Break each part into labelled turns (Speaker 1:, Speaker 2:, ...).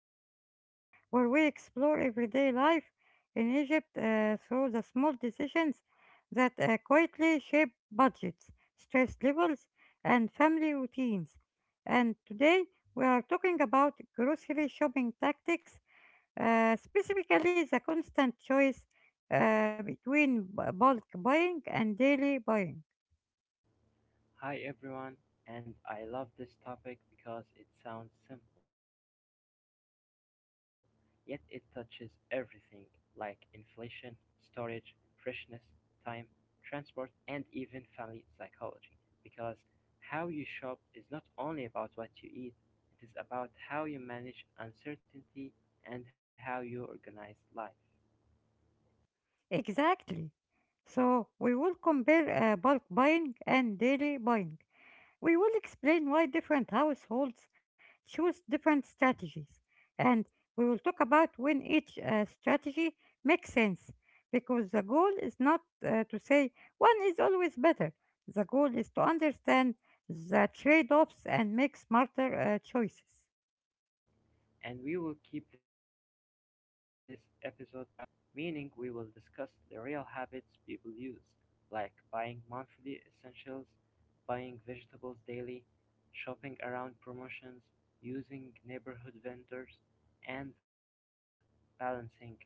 Speaker 1: episode where we explore everyday life in Egypt through the small decisions that quietly shape budgets, stress levels, and family routines. And today we are talking about grocery shopping tactics, specifically the constant choice between bulk buying and daily buying.
Speaker 2: Hi everyone, and I love this topic because it sounds simple, yet it touches everything like inflation, storage, freshness, time, transport, and even family psychology. Because how you shop is not only about what you eat, it is about how you manage uncertainty and how you organize life.
Speaker 1: Exactly. So we will compare bulk buying and daily buying. We will explain why different households choose different strategies, and we will talk about when each strategy makes sense. Because the goal is not to say one is always better. The goal is to understand the trade-offs and make smarter choices.
Speaker 2: And we will keep this episode practical, meaning we will discuss the real habits people use, like buying monthly essentials, buying vegetables daily, shopping around promotions, using neighborhood vendors, and balancing cash flow,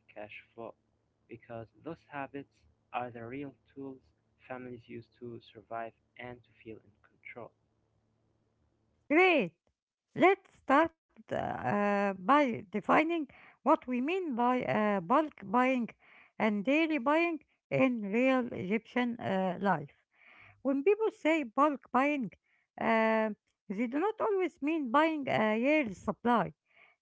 Speaker 2: because those habits are the real tools families use to survive and to feel in control.
Speaker 1: Great. Let's start by defining what we mean by bulk buying and daily buying in real Egyptian life. When people say bulk buying, uh, they do not always mean buying a year's supply.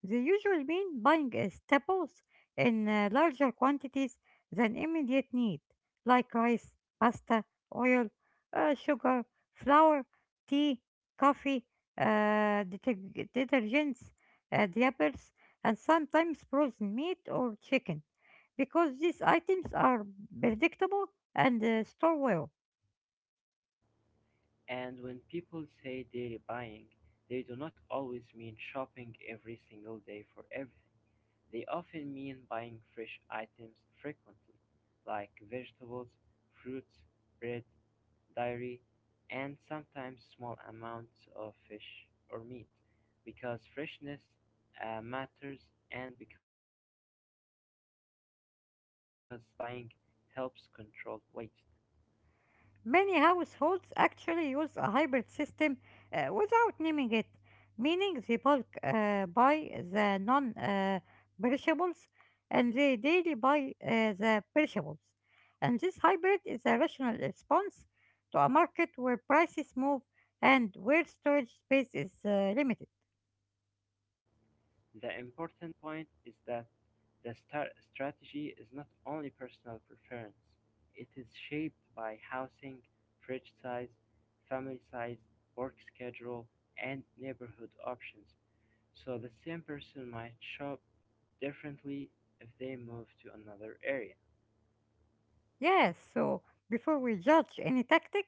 Speaker 1: They usually mean buying staples in larger quantities than immediate need, like rice, pasta, oil, sugar, flour, tea, coffee, detergents, diapers, and sometimes frozen meat or chicken because these items are predictable and store well.
Speaker 2: And when people say daily buying, they do not always mean shopping every single day for everything. They often mean buying fresh items frequently, like vegetables, fruits, bread, dairy, and sometimes small amounts of fish or meat, because freshness matters and because daily buying helps control waste.
Speaker 1: Many households actually use a hybrid system without naming it, meaning they bulk buy the non perishables and they daily buy the perishables. And this hybrid is a rational response to a market where prices move and where storage space is limited.
Speaker 2: The important point is that the star strategy is not only personal preference, it is shaped by housing, fridge size, family size, work schedule, and neighborhood options, so the same person might shop differently if they move to another area.
Speaker 1: Yes, so before we judge any tactic,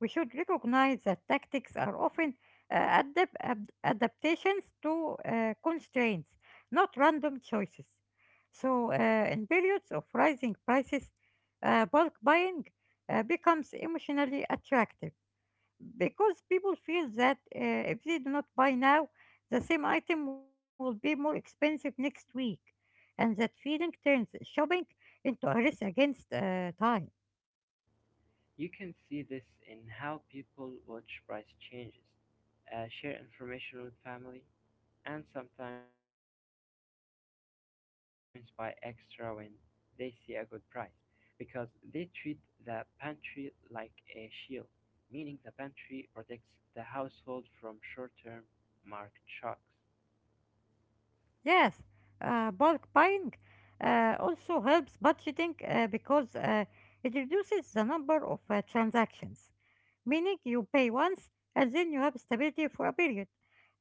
Speaker 1: we should recognize that tactics are often adaptations to constraints, not random choices. So, in periods of rising prices, bulk buying becomes emotionally attractive because people feel that if they do not buy now, the same item will be more expensive next week. And that feeling turns shopping into a race against time.
Speaker 2: You can see this in how people watch price changes, share information with family, and sometimes buy extra when they see a good price because they treat the pantry like a shield, meaning the pantry protects the household from short term market shocks.
Speaker 1: Yes, bulk buying also helps budgeting because it reduces the number of transactions, meaning you pay once and then you have stability for a period.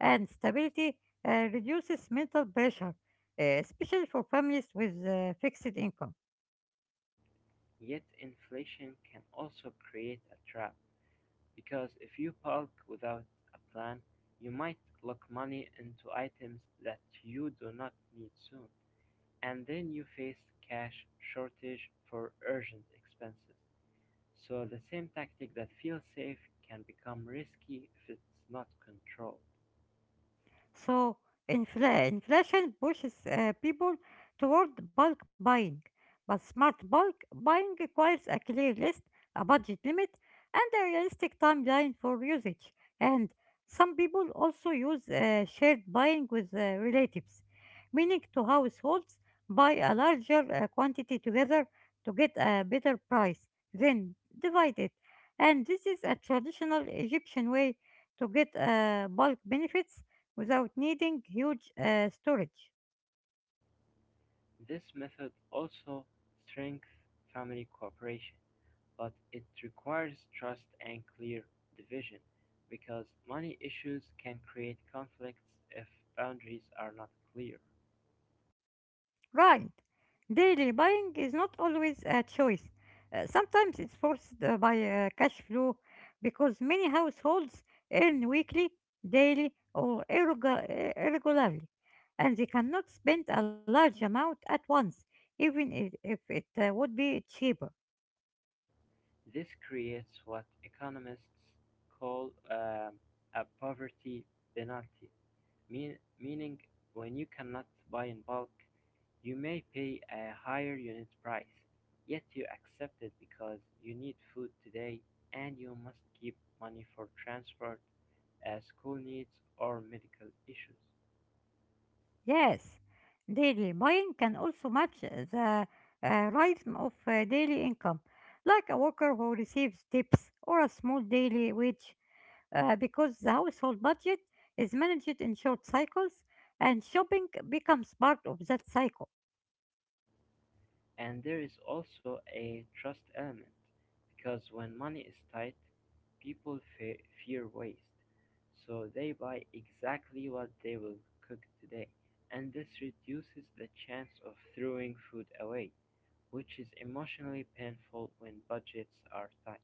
Speaker 1: And stability reduces mental pressure, especially for families with fixed income.
Speaker 2: Yet, inflation can also create a trap. Because if you park without a plan, you might lock money into items that you do not need soon, and then you face cash shortage for urgent expenses. So the same tactic that feels safe can become risky if it's not controlled.
Speaker 1: So inflation pushes people toward bulk buying, but smart bulk buying requires a clear list, a budget limit, and a realistic timeline for usage. And some people also use shared buying with relatives, meaning two households buy a larger quantity together to get a better price, then divide it. And this is a traditional Egyptian way to get bulk benefits without needing huge storage.
Speaker 2: This method also strengthens family cooperation, but it requires trust and clear division because money issues can create conflicts if boundaries are not clear.
Speaker 1: Right. Daily buying is not always a choice. Sometimes it's forced by cash flow because many households earn weekly, daily, or irregularly, and they cannot spend a large amount at once, even if it would be cheaper.
Speaker 2: This creates what economists call a poverty penalty, meaning when you cannot buy in bulk, you may pay a higher unit price, yet you accept it because you need food today and you must keep money for transport, school needs, or medical issues.
Speaker 1: Yes, daily buying can also match the rhythm of daily income, like a worker who receives tips or a small daily wage, because the household budget is managed in short cycles and shopping becomes part of that cycle.
Speaker 2: And there is also a trust element because when money is tight, people fear waste, so they buy exactly what they will cook today, and this reduces the chance of throwing food away, which is emotionally painful when budgets are tight.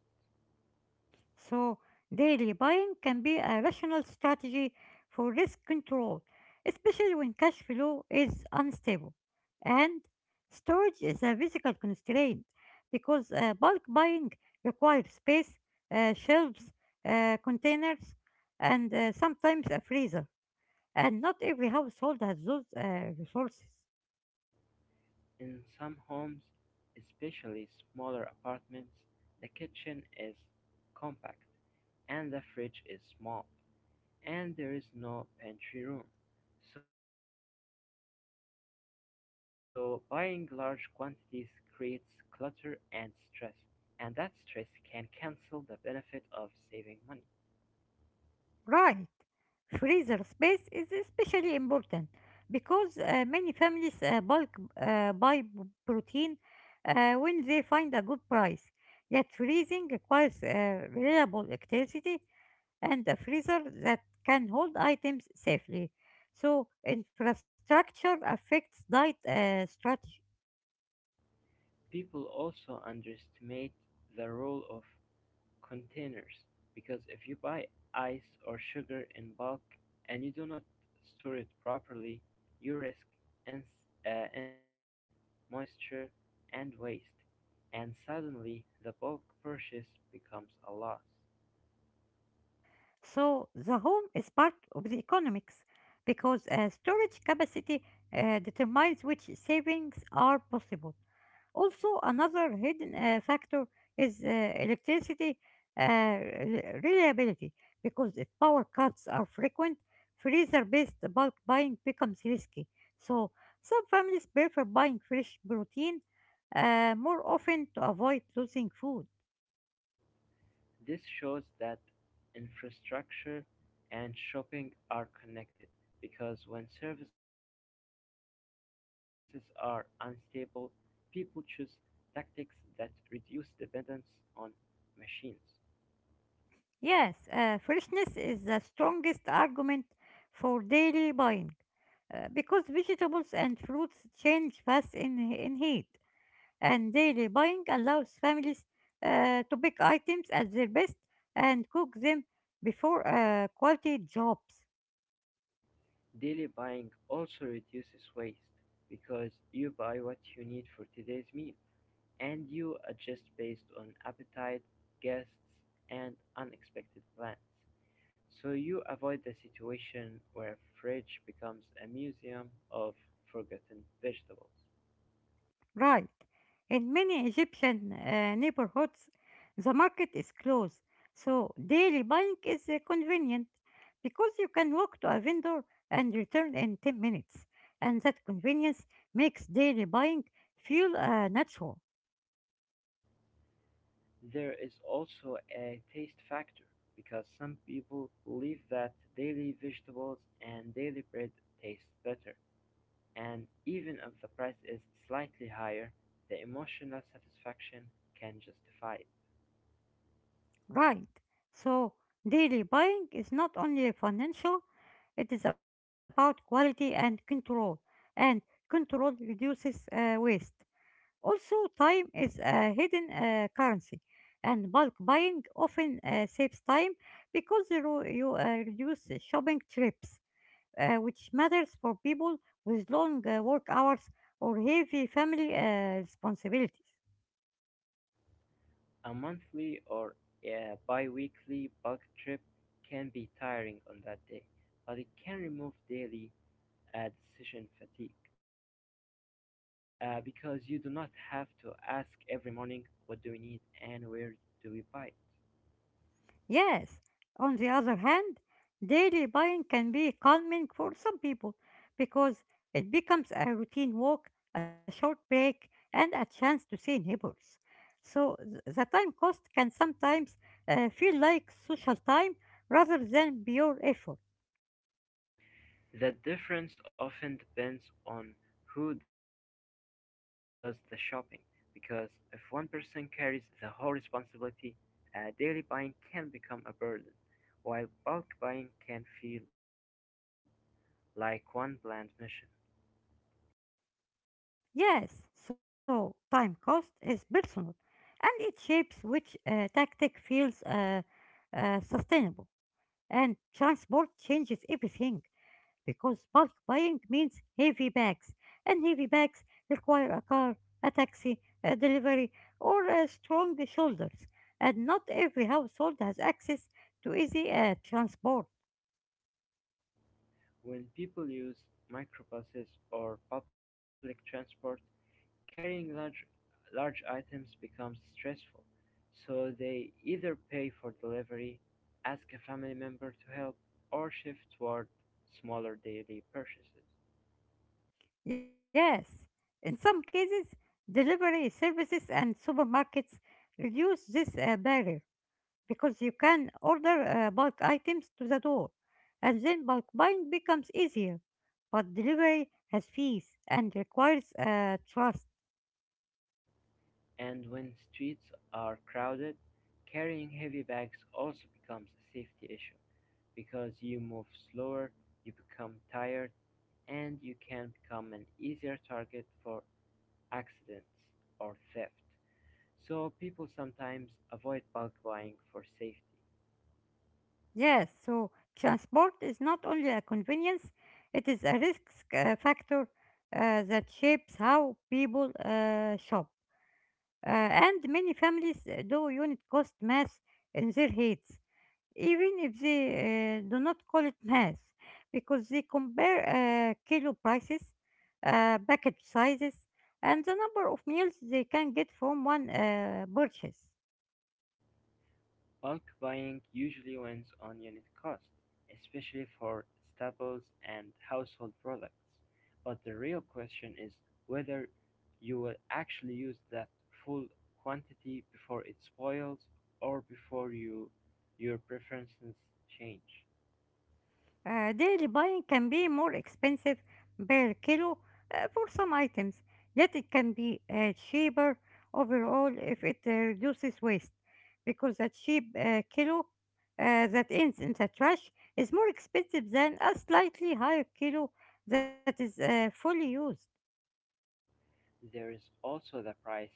Speaker 1: So, daily buying can be a rational strategy for risk control, especially when cash flow is unstable. And storage is a physical constraint because bulk buying requires space, shelves, containers, and sometimes a freezer. And not every household has those resources.
Speaker 2: In some homes, especially smaller apartments, the kitchen is compact and the fridge is small and there is no pantry room. So buying large quantities creates clutter and stress, and that stress can cancel the benefit of saving money.
Speaker 1: Right. Freezer space is especially important because many families bulk buy protein when they find a good price. Yet freezing requires reliable electricity and a freezer that can hold items safely. So infrastructure affects diet strategy.
Speaker 2: People also underestimate the role of containers because if you buy ice or sugar in bulk and you do not store it properly, you risk ins- insects, moisture, and waste, and suddenly the bulk purchase becomes a loss.
Speaker 1: So the home is part of the economics because storage capacity determines which savings are possible. Also, another hidden factor is electricity reliability because if power cuts are frequent, freezer based bulk buying becomes risky. So, some families prefer buying fresh protein more often to avoid losing food.
Speaker 2: This shows that infrastructure and shopping are connected because when services are unstable, people choose tactics that reduce dependence on machines.
Speaker 1: Yes, freshness is the strongest argument for daily buying because vegetables and fruits change fast in heat, and daily buying allows families to pick items at their best and cook them before quality drops.
Speaker 2: Daily buying also reduces waste because you buy what you need for today's meal and you adjust based on appetite, guests, and unexpected plans. So you avoid the situation where a fridge becomes a museum of forgotten vegetables.
Speaker 1: Right. In many Egyptian neighborhoods, the market is closed, so daily buying is convenient because you can walk to a vendor and return in 10 minutes, and that convenience makes daily buying feel natural.
Speaker 2: There is also a taste factor because some people believe that daily vegetables and daily bread taste better. And even if the price is slightly higher, the emotional satisfaction can justify it.
Speaker 1: Right. So, daily buying is not only financial, it is about quality and control reduces waste. Also, time is a hidden currency, and bulk buying often saves time because you reduce shopping trips, which matters for people with long work hours or heavy family responsibilities.
Speaker 2: A monthly or a bi-weekly bulk trip can be tiring on that day, but it can remove daily decision fatigue because you do not have to ask every morning what do we need and where do we buy it?
Speaker 1: Yes, on the other hand, daily buying can be calming for some people because it becomes a routine walk, a short break, and a chance to see neighbors. So the time cost can sometimes feel like social time rather than pure effort.
Speaker 2: The difference often depends on who does the shopping, because if one person carries the whole responsibility, daily buying can become a burden, while bulk buying can feel like one bland mission.
Speaker 1: Yes, so time cost is personal and it shapes which tactic feels sustainable. And transport changes everything because bulk buying means heavy bags, and heavy bags require a car, a taxi, a delivery, or a strong shoulders, and not every household has access to easy transport.
Speaker 2: When people use microbuses or public transport, carrying large items becomes stressful, so they either pay for delivery, ask a family member to help, or shift toward smaller daily purchases.
Speaker 1: Yes, in some cases, delivery services and supermarkets reduce this barrier because you can order bulk items to the door, and then bulk buying becomes easier but delivery has fees and requires trust.
Speaker 2: And when streets are crowded, carrying heavy bags also becomes a safety issue because you move slower, you become tired, and you can become an easier target for accidents or theft. So people sometimes avoid bulk buying for safety.
Speaker 1: Yes, so transport is not only a convenience, it is a risk factor that shapes how people shop. And many families do unit cost math in their heads, even if they do not call it math, because they compare kilo prices, package sizes, and the number of meals they can get from one purchase.
Speaker 2: Bulk buying usually wins on unit cost, especially for staples and household products. But the real question is whether you will actually use that full quantity before it spoils or before you your preferences change.
Speaker 1: Daily buying can be more expensive per kilo for some items, yet it can be cheaper overall if it reduces waste, because a cheap kilo that ends in the trash is more expensive than a slightly higher kilo that is fully used.
Speaker 2: There is also the price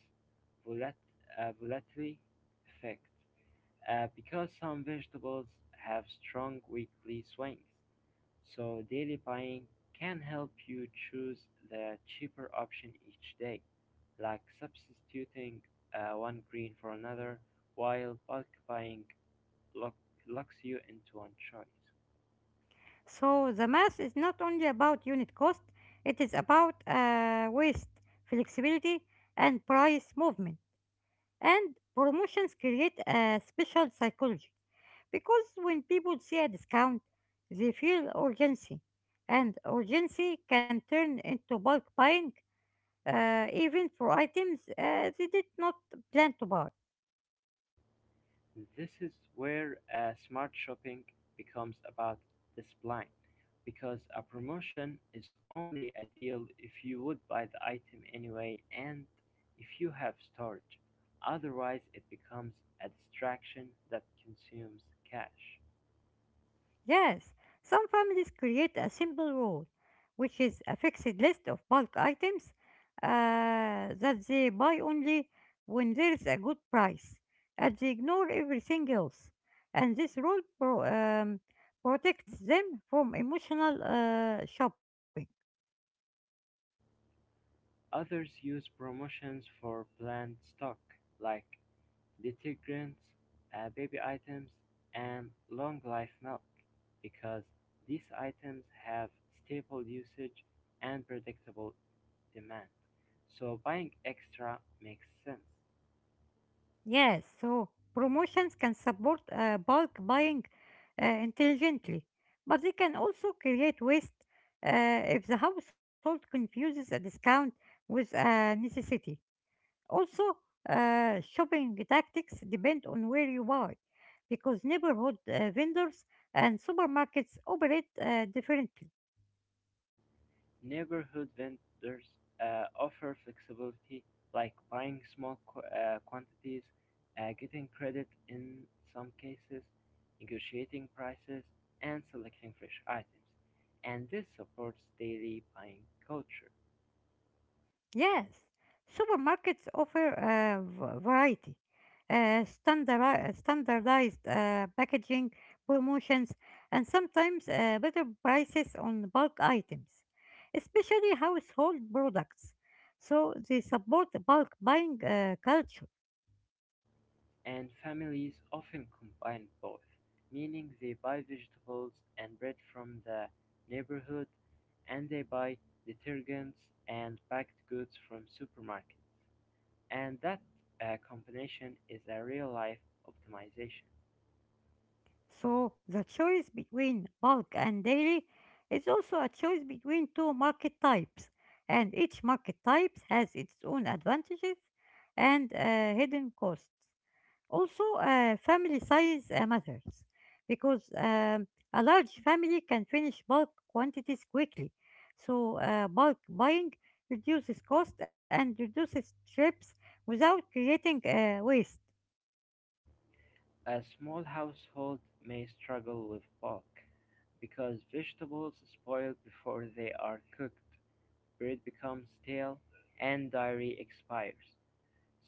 Speaker 2: volat- volatility effect, because some vegetables have strong weekly swings, so daily buying can help you choose the cheaper option each day, like substituting one green for another, while bulk buying lock- locks you into one choice.
Speaker 1: So the math is not only about unit cost, it is about waste, flexibility, and price movement. And promotions create a special psychology because when people see a discount, they feel urgency, and urgency can turn into bulk buying, even for items they did not plan to buy.
Speaker 2: This is where a smart shopping becomes about discipline, because a promotion is only a deal if you would buy the item anyway and if you have storage. Otherwise, it becomes a distraction that consumes cash.
Speaker 1: Yes, some families create a simple rule, which is a fixed list of bulk items that they buy only when there is a good price, and they ignore everything else. And this rule protects them from emotional shopping.
Speaker 2: Others use promotions for planned stock, like detergents, baby items, and long-life milk because these items have stable usage and predictable demand. So buying extra makes sense.
Speaker 1: Yes, so promotions can support bulk buying intelligently, but they can also create waste if the household confuses a discount with a necessity. Also, shopping tactics depend on where you buy, because neighborhood vendors and supermarkets operate differently.
Speaker 2: Neighborhood vendors offer flexibility like buying small quantities, getting credit in some cases, negotiating prices, and selecting fresh items. And this supports daily buying culture.
Speaker 1: Yes, supermarkets offer variety, standardized packaging, promotions, and sometimes better prices on bulk items, especially household products. So they support bulk buying culture.
Speaker 2: And families often combine both, meaning they buy vegetables and bread from the neighborhood and they buy detergents and packed goods from supermarket. And that combination is a real life optimization.
Speaker 1: So the choice between bulk and daily is also a choice between two market types, and each market type has its own advantages and hidden costs. Also, family size matters because a large family can finish bulk quantities quickly. So, bulk buying reduces cost and reduces trips without creating waste.
Speaker 2: A small household may struggle with bulk because vegetables spoil before they are cooked, bread becomes stale, and dairy expires.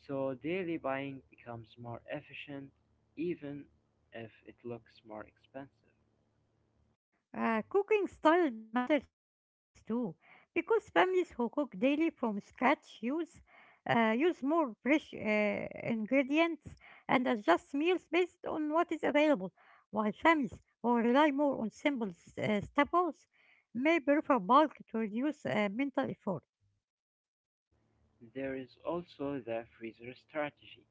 Speaker 2: So daily buying becomes more efficient even if it looks more expensive.
Speaker 1: Cooking style matters too, because families who cook daily from scratch use more fresh ingredients and adjust meals based on what is available, while families who rely more on simple staples may prefer bulk to reduce mental effort.
Speaker 2: There is also the freezer strategy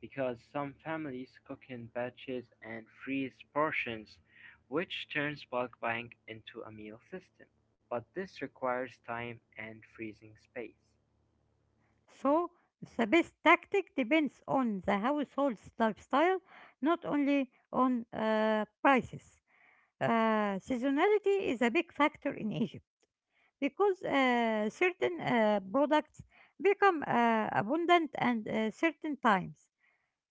Speaker 2: because some families cook in batches and freeze portions, which turns bulk buying into a meal system. But this requires time and freezing space.
Speaker 1: So, the best tactic depends on the household's lifestyle, not only on prices. Seasonality is a big factor in Egypt, because certain products become abundant and certain times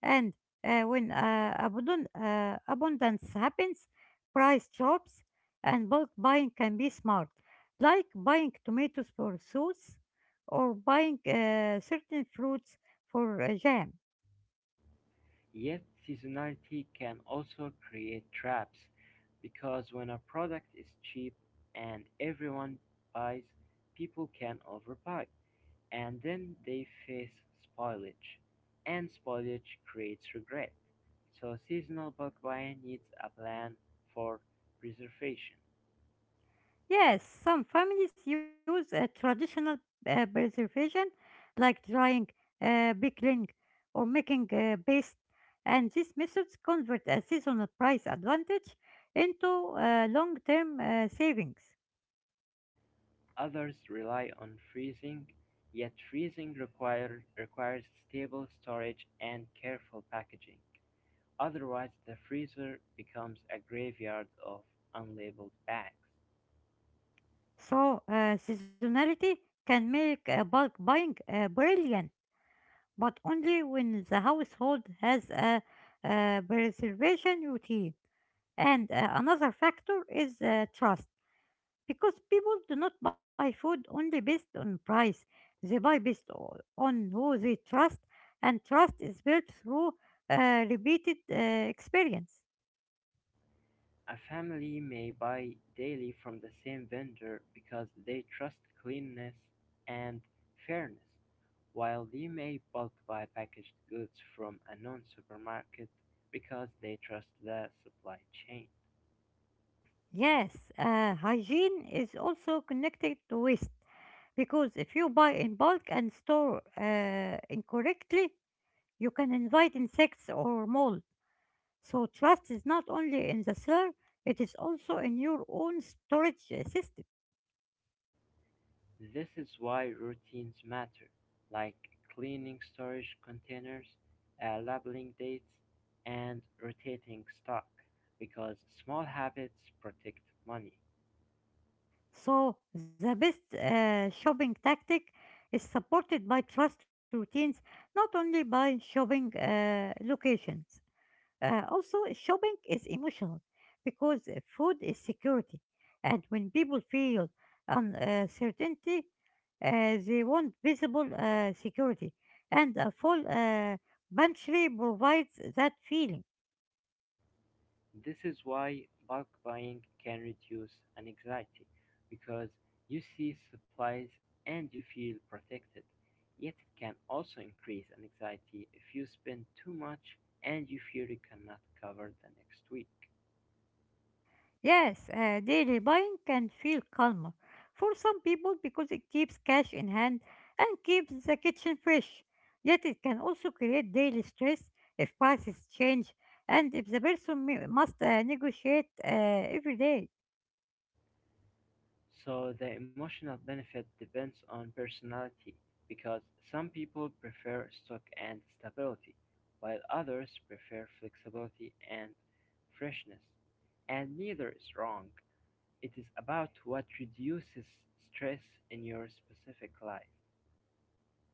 Speaker 1: and when abundance happens price drops and bulk buying can be smart like buying tomatoes for sauce or buying certain fruits for jam.
Speaker 2: Yet seasonality can also create traps, because when a product is cheap and everyone buys, people can overbuy, and then they face spoilage, and spoilage creates regret. So seasonal bulk buying needs a plan for preservation.
Speaker 1: Yes, some families use traditional preservation like drying, pickling, or making paste, and these methods convert a seasonal price advantage into long term savings.
Speaker 2: Others rely on freezing, yet requires stable storage and careful packaging. Otherwise the freezer becomes a graveyard of unlabeled bags.
Speaker 1: So, seasonality can make bulk buying brilliant, but only when the household has a preservation routine. And another factor is trust. Because people do not buy food only based on price, they buy based on who they trust, and trust is built through repeated experience.
Speaker 2: A family may buy daily from the same vendor because they trust cleanness and fairness, while they may bulk buy packaged goods from a known supermarket because they trust the supply chain.
Speaker 1: Yes, hygiene is also connected to waste because if you buy in bulk and store incorrectly, you can invite insects or mold. So, trust is not only in the seller, it is also in your own storage system.
Speaker 2: This is why routines matter, like cleaning storage containers, labeling dates, and rotating stock, because small habits protect money.
Speaker 1: So, the best shopping tactic is supported by trust routines, not only by shopping locations. Also, shopping is emotional because food is security, and when people feel uncertainty, they want visible security, and a full pantry provides that feeling.
Speaker 2: This is why bulk buying can reduce anxiety, because you see supplies and you feel protected. Yet it can also increase anxiety if you spend too much and you fear you cannot cover the next week.
Speaker 1: Yes, daily buying can feel calmer for some people because it keeps cash in hand and keeps the kitchen fresh. Yet it can also create daily stress if prices change and if the person must negotiate every day.
Speaker 2: So the emotional benefit depends on personality because some people prefer stock and stability, while others prefer flexibility and freshness. And neither is wrong. It is about what reduces stress in your specific life.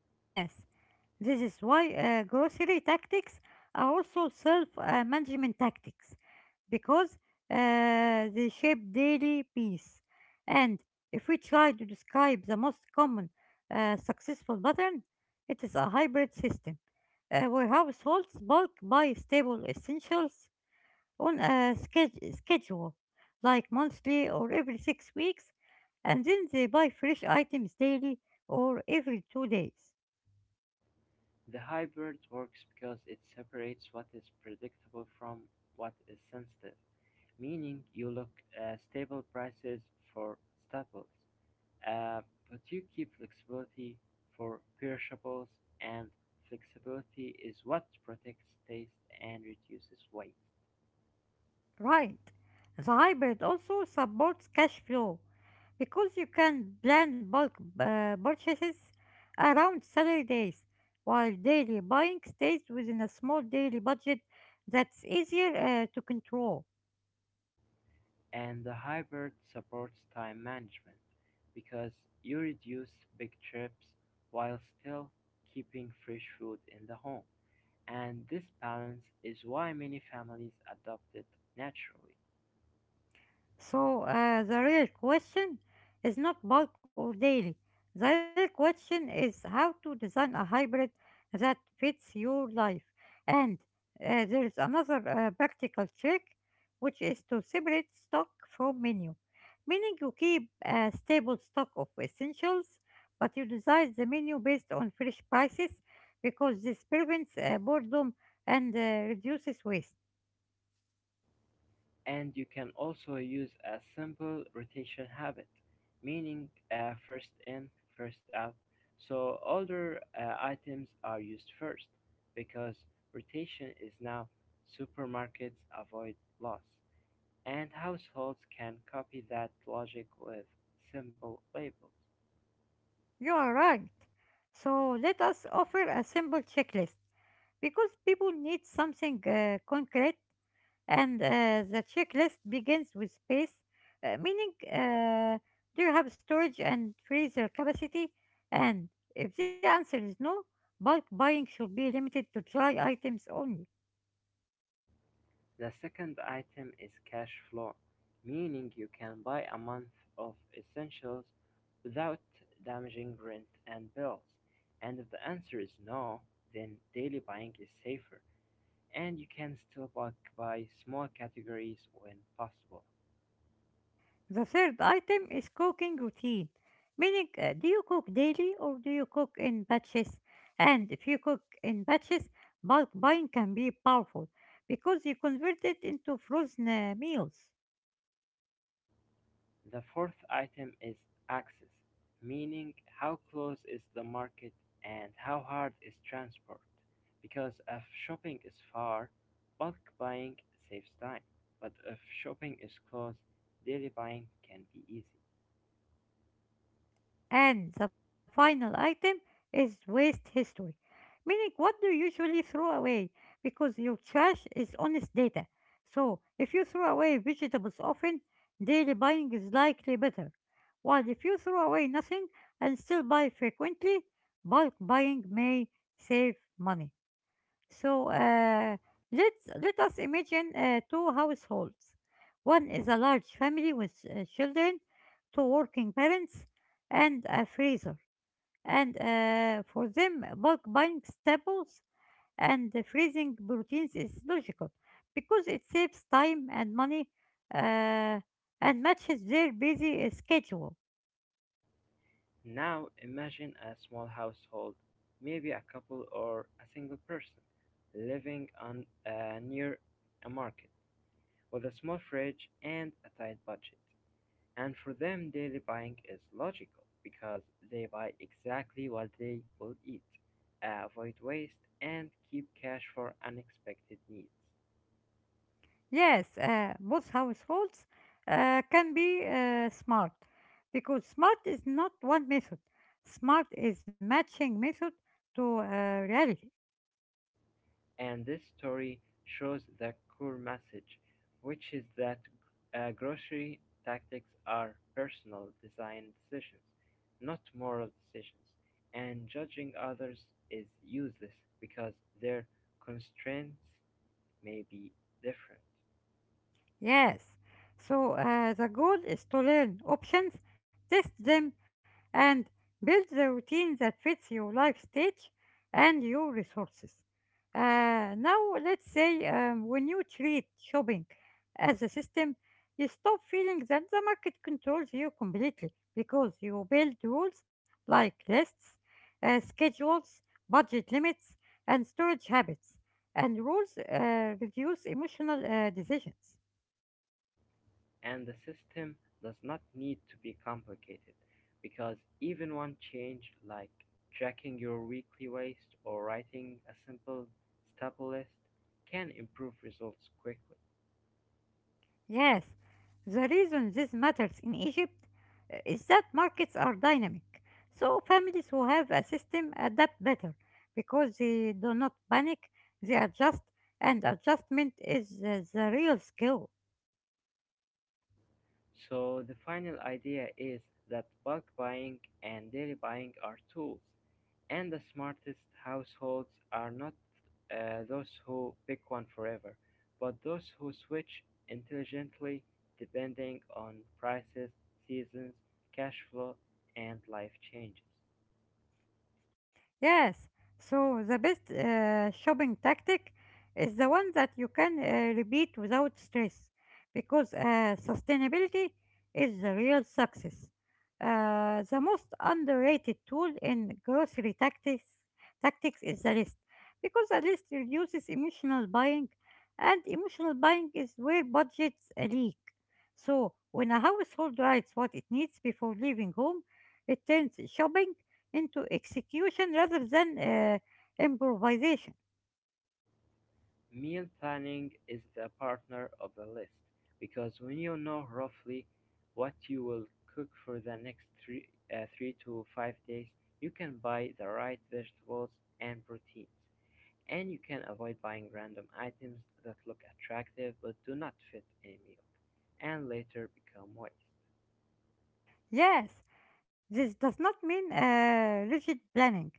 Speaker 1: Yes, this is why grocery tactics are also self management tactics, because they shape daily peace. And if we try to describe the most common successful pattern, it is a hybrid system where households bulk buy stable essentials on a schedule, like monthly or every 6 weeks, and then they buy fresh items daily or every 2 days.
Speaker 2: The hybrid works because it separates what is predictable from what is sensitive, meaning you look at stable prices for staples. Uh, but you keep flexibility for perishables, and flexibility is what protects taste and reduces waste.
Speaker 1: Right. The hybrid also supports cash flow because you can plan bulk purchases around salary days, while daily buying stays within a small daily budget that's easier to control.
Speaker 2: And the hybrid supports time management because you reduce big trips while still keeping fresh food in the home. And this balance is why many families adopt it naturally.
Speaker 1: So, the real question is not bulk or daily. The real question is how to design a hybrid that fits your life. And there is another practical trick, which is to separate stock from menu, meaning you keep a stable stock of essentials, but you design the menu based on fresh prices because this prevents boredom and reduces waste.
Speaker 2: And you can also use a simple rotation habit, meaning first in, first out. So older items are used first because rotation is now supermarkets avoid loss, and households can copy that logic with simple labels.
Speaker 1: You are right. So let us offer a simple checklist because people need something concrete, and the checklist begins with space, meaning do you have storage and freezer capacity? And if the answer is no, bulk buying should be limited to dry items only.
Speaker 2: The second item is cash flow, meaning you can buy a month of essentials without damaging rent and bills. And if the answer is no, then daily buying is safer, and you can still bulk buy small categories when possible.
Speaker 1: The third item is cooking routine, meaning do you cook daily or do you cook in batches? And if you cook in batches, bulk buying can be powerful because you convert it into frozen meals.
Speaker 2: The fourth item is access, meaning how close is the market and how hard is transport. Because if shopping is far, bulk buying saves time. But if shopping is close, daily buying can be easy.
Speaker 1: And the final item is waste history, meaning what do you usually throw away? Because your trash is honest data. So if you throw away vegetables often, daily buying is likely better. While if you throw away nothing and still buy frequently, bulk buying may save money. So let us imagine two households. One is a large family with children, two working parents, and a freezer. And for them, bulk buying staples and the freezing proteins is logical because it saves time and money uh, and matches their busy schedule.
Speaker 2: Now imagine a small household, maybe a couple or a single person, living on near a market with a small fridge and a tight budget. And for them, daily buying is logical because they buy exactly what they will eat, avoid waste, and keep cash for unexpected needs.
Speaker 1: Yes, both households can be smart because smart is not one method. Smart is matching method to reality.
Speaker 2: And this story shows the core message, which is that grocery tactics are personal design decisions, not moral decisions. And judging others is useless because their constraints may be different.
Speaker 1: Yes. So, the goal is to learn options, test them, and build the routine that fits your life stage and your resources. Now, let's say, when you treat shopping as a system, you stop feeling that the market controls you completely because you build rules like lists, schedules, budget limits, and storage habits. And rules reduce emotional decisions.
Speaker 2: And the system does not need to be complicated because even one change like tracking your weekly waste or writing a simple staple list can improve results quickly.
Speaker 1: Yes, the reason this matters in Egypt is that markets are dynamic. So families who have a system adapt better because they do not panic, they adjust, and adjustment is the real skill.
Speaker 2: So the final idea is that bulk buying and daily buying are tools, and the smartest households are not those who pick one forever, but those who switch intelligently depending on prices, seasons, cash flow, and life changes.
Speaker 1: Yes. So the best shopping tactic is the one that you can repeat without stress because sustainability is the real success. The most underrated tool in grocery tactics is the list because the list reduces emotional buying, and emotional buying is where budgets leak. So when a household writes what it needs before leaving home, it turns shopping into execution rather than improvisation.
Speaker 2: Meal planning is the partner of the list because when you know roughly what you will cook for the next 3 to 5 days, you can buy the right vegetables and proteins, and you can avoid buying random items that look attractive but do not fit a meal and later become waste.
Speaker 1: Yes, this does not mean rigid planning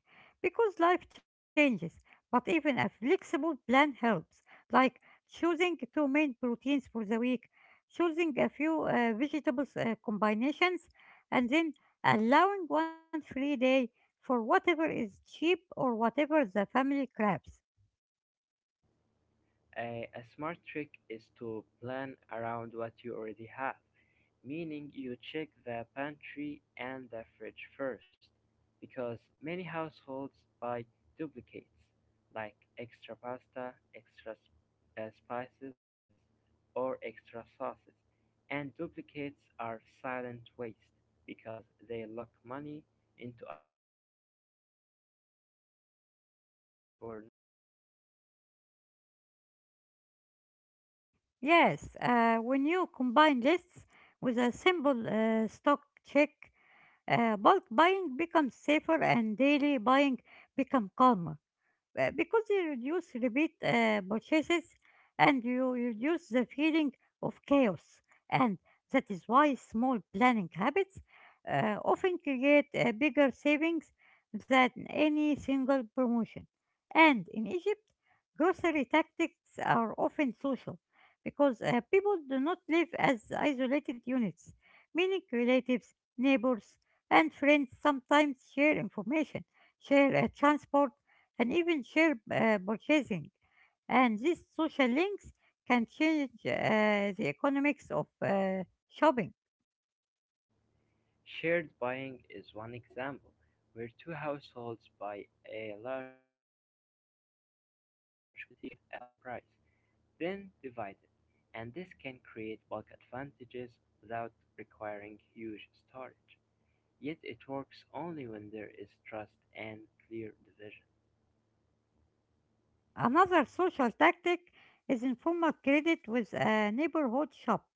Speaker 1: because life changes, but even a flexible plan helps, like choosing two main proteins for the week, choosing a few vegetables combinations, and then allowing one free day for whatever is cheap or whatever the family grabs.
Speaker 2: A smart trick is to plan around what you already have, meaning you check the pantry and the fridge first, because many households buy duplicates, like extra pasta, extra spices, or extra sauces. And duplicates are silent waste because they lock money into items that were not needed.
Speaker 1: Yes, when you combine lists with a simple stock check, bulk buying becomes safer and daily buying become calmer because you reduce repeat purchases and you reduce the feeling of chaos. And that is why small planning habits often create bigger savings than any single promotion. And in Egypt, grocery tactics are often social because people do not live as isolated units, meaning relatives, neighbors, and friends sometimes share information, share transport, and even share purchasing. And these social links can change the economics of shopping.
Speaker 2: Shared buying is one example where two households buy a large quantity to get a better price, then divided, and this can create bulk advantages without requiring huge storage. Yet it works only when there is trust and clear division.
Speaker 1: Another social tactic is informal credit with a neighborhood shop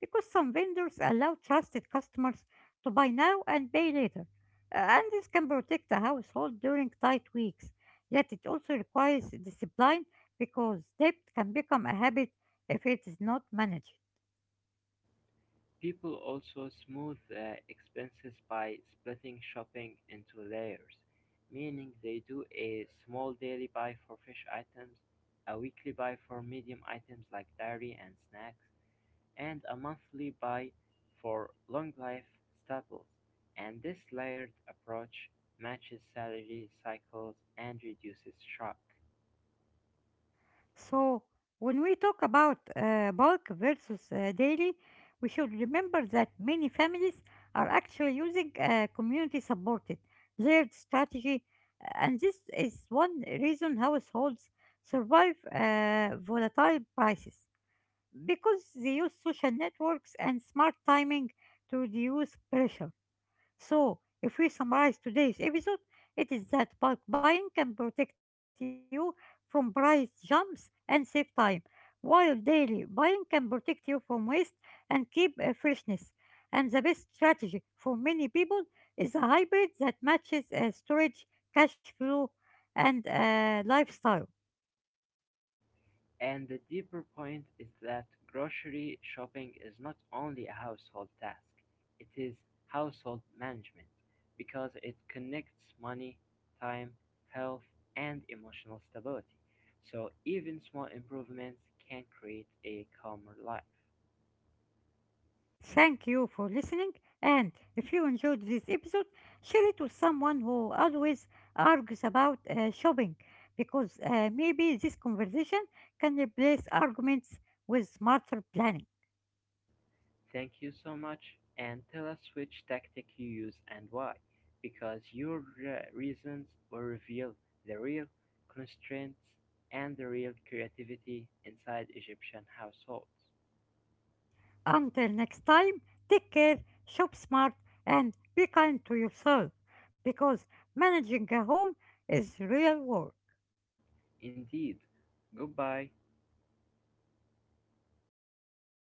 Speaker 1: because some vendors allow trusted customers to buy now and pay later. And this can protect the household during tight weeks. Yet it also requires discipline because debt can become a habit if it is not managed.
Speaker 2: People also smooth expenses by splitting shopping into layers, meaning they do a small daily buy for fish items, a weekly buy for medium items like dairy and snacks, and a monthly buy for long-life staples, and this layered approach matches salary cycles and reduces shock.
Speaker 1: So, when we talk about bulk versus daily, we should remember that many families are actually using community supported layered strategy, and this is one reason households survive volatile prices because they use social networks and smart timing to reduce pressure. So, if we summarize today's episode, it is that bulk buying can protect you from price jumps and save time, while daily buying can protect you from waste and keep freshness. And the best strategy for many people is a hybrid that matches storage, cash flow, and lifestyle.
Speaker 2: And the deeper point is that grocery shopping is not only a household task, it is household management because it connects money, time, health, and emotional stability. So even small improvements can create a calmer life.
Speaker 1: Thank you for listening, and if you enjoyed this episode, share it with someone who always argues about shopping because maybe this conversation can replace arguments with smarter planning.
Speaker 2: Thank you so much and tell us which tactic you use and why, because your reasons will reveal the real constraints and the real creativity inside Egyptian households.
Speaker 1: Until next time, take care, shop smart, and be kind to yourself because managing a home is real work.
Speaker 2: Indeed, goodbye.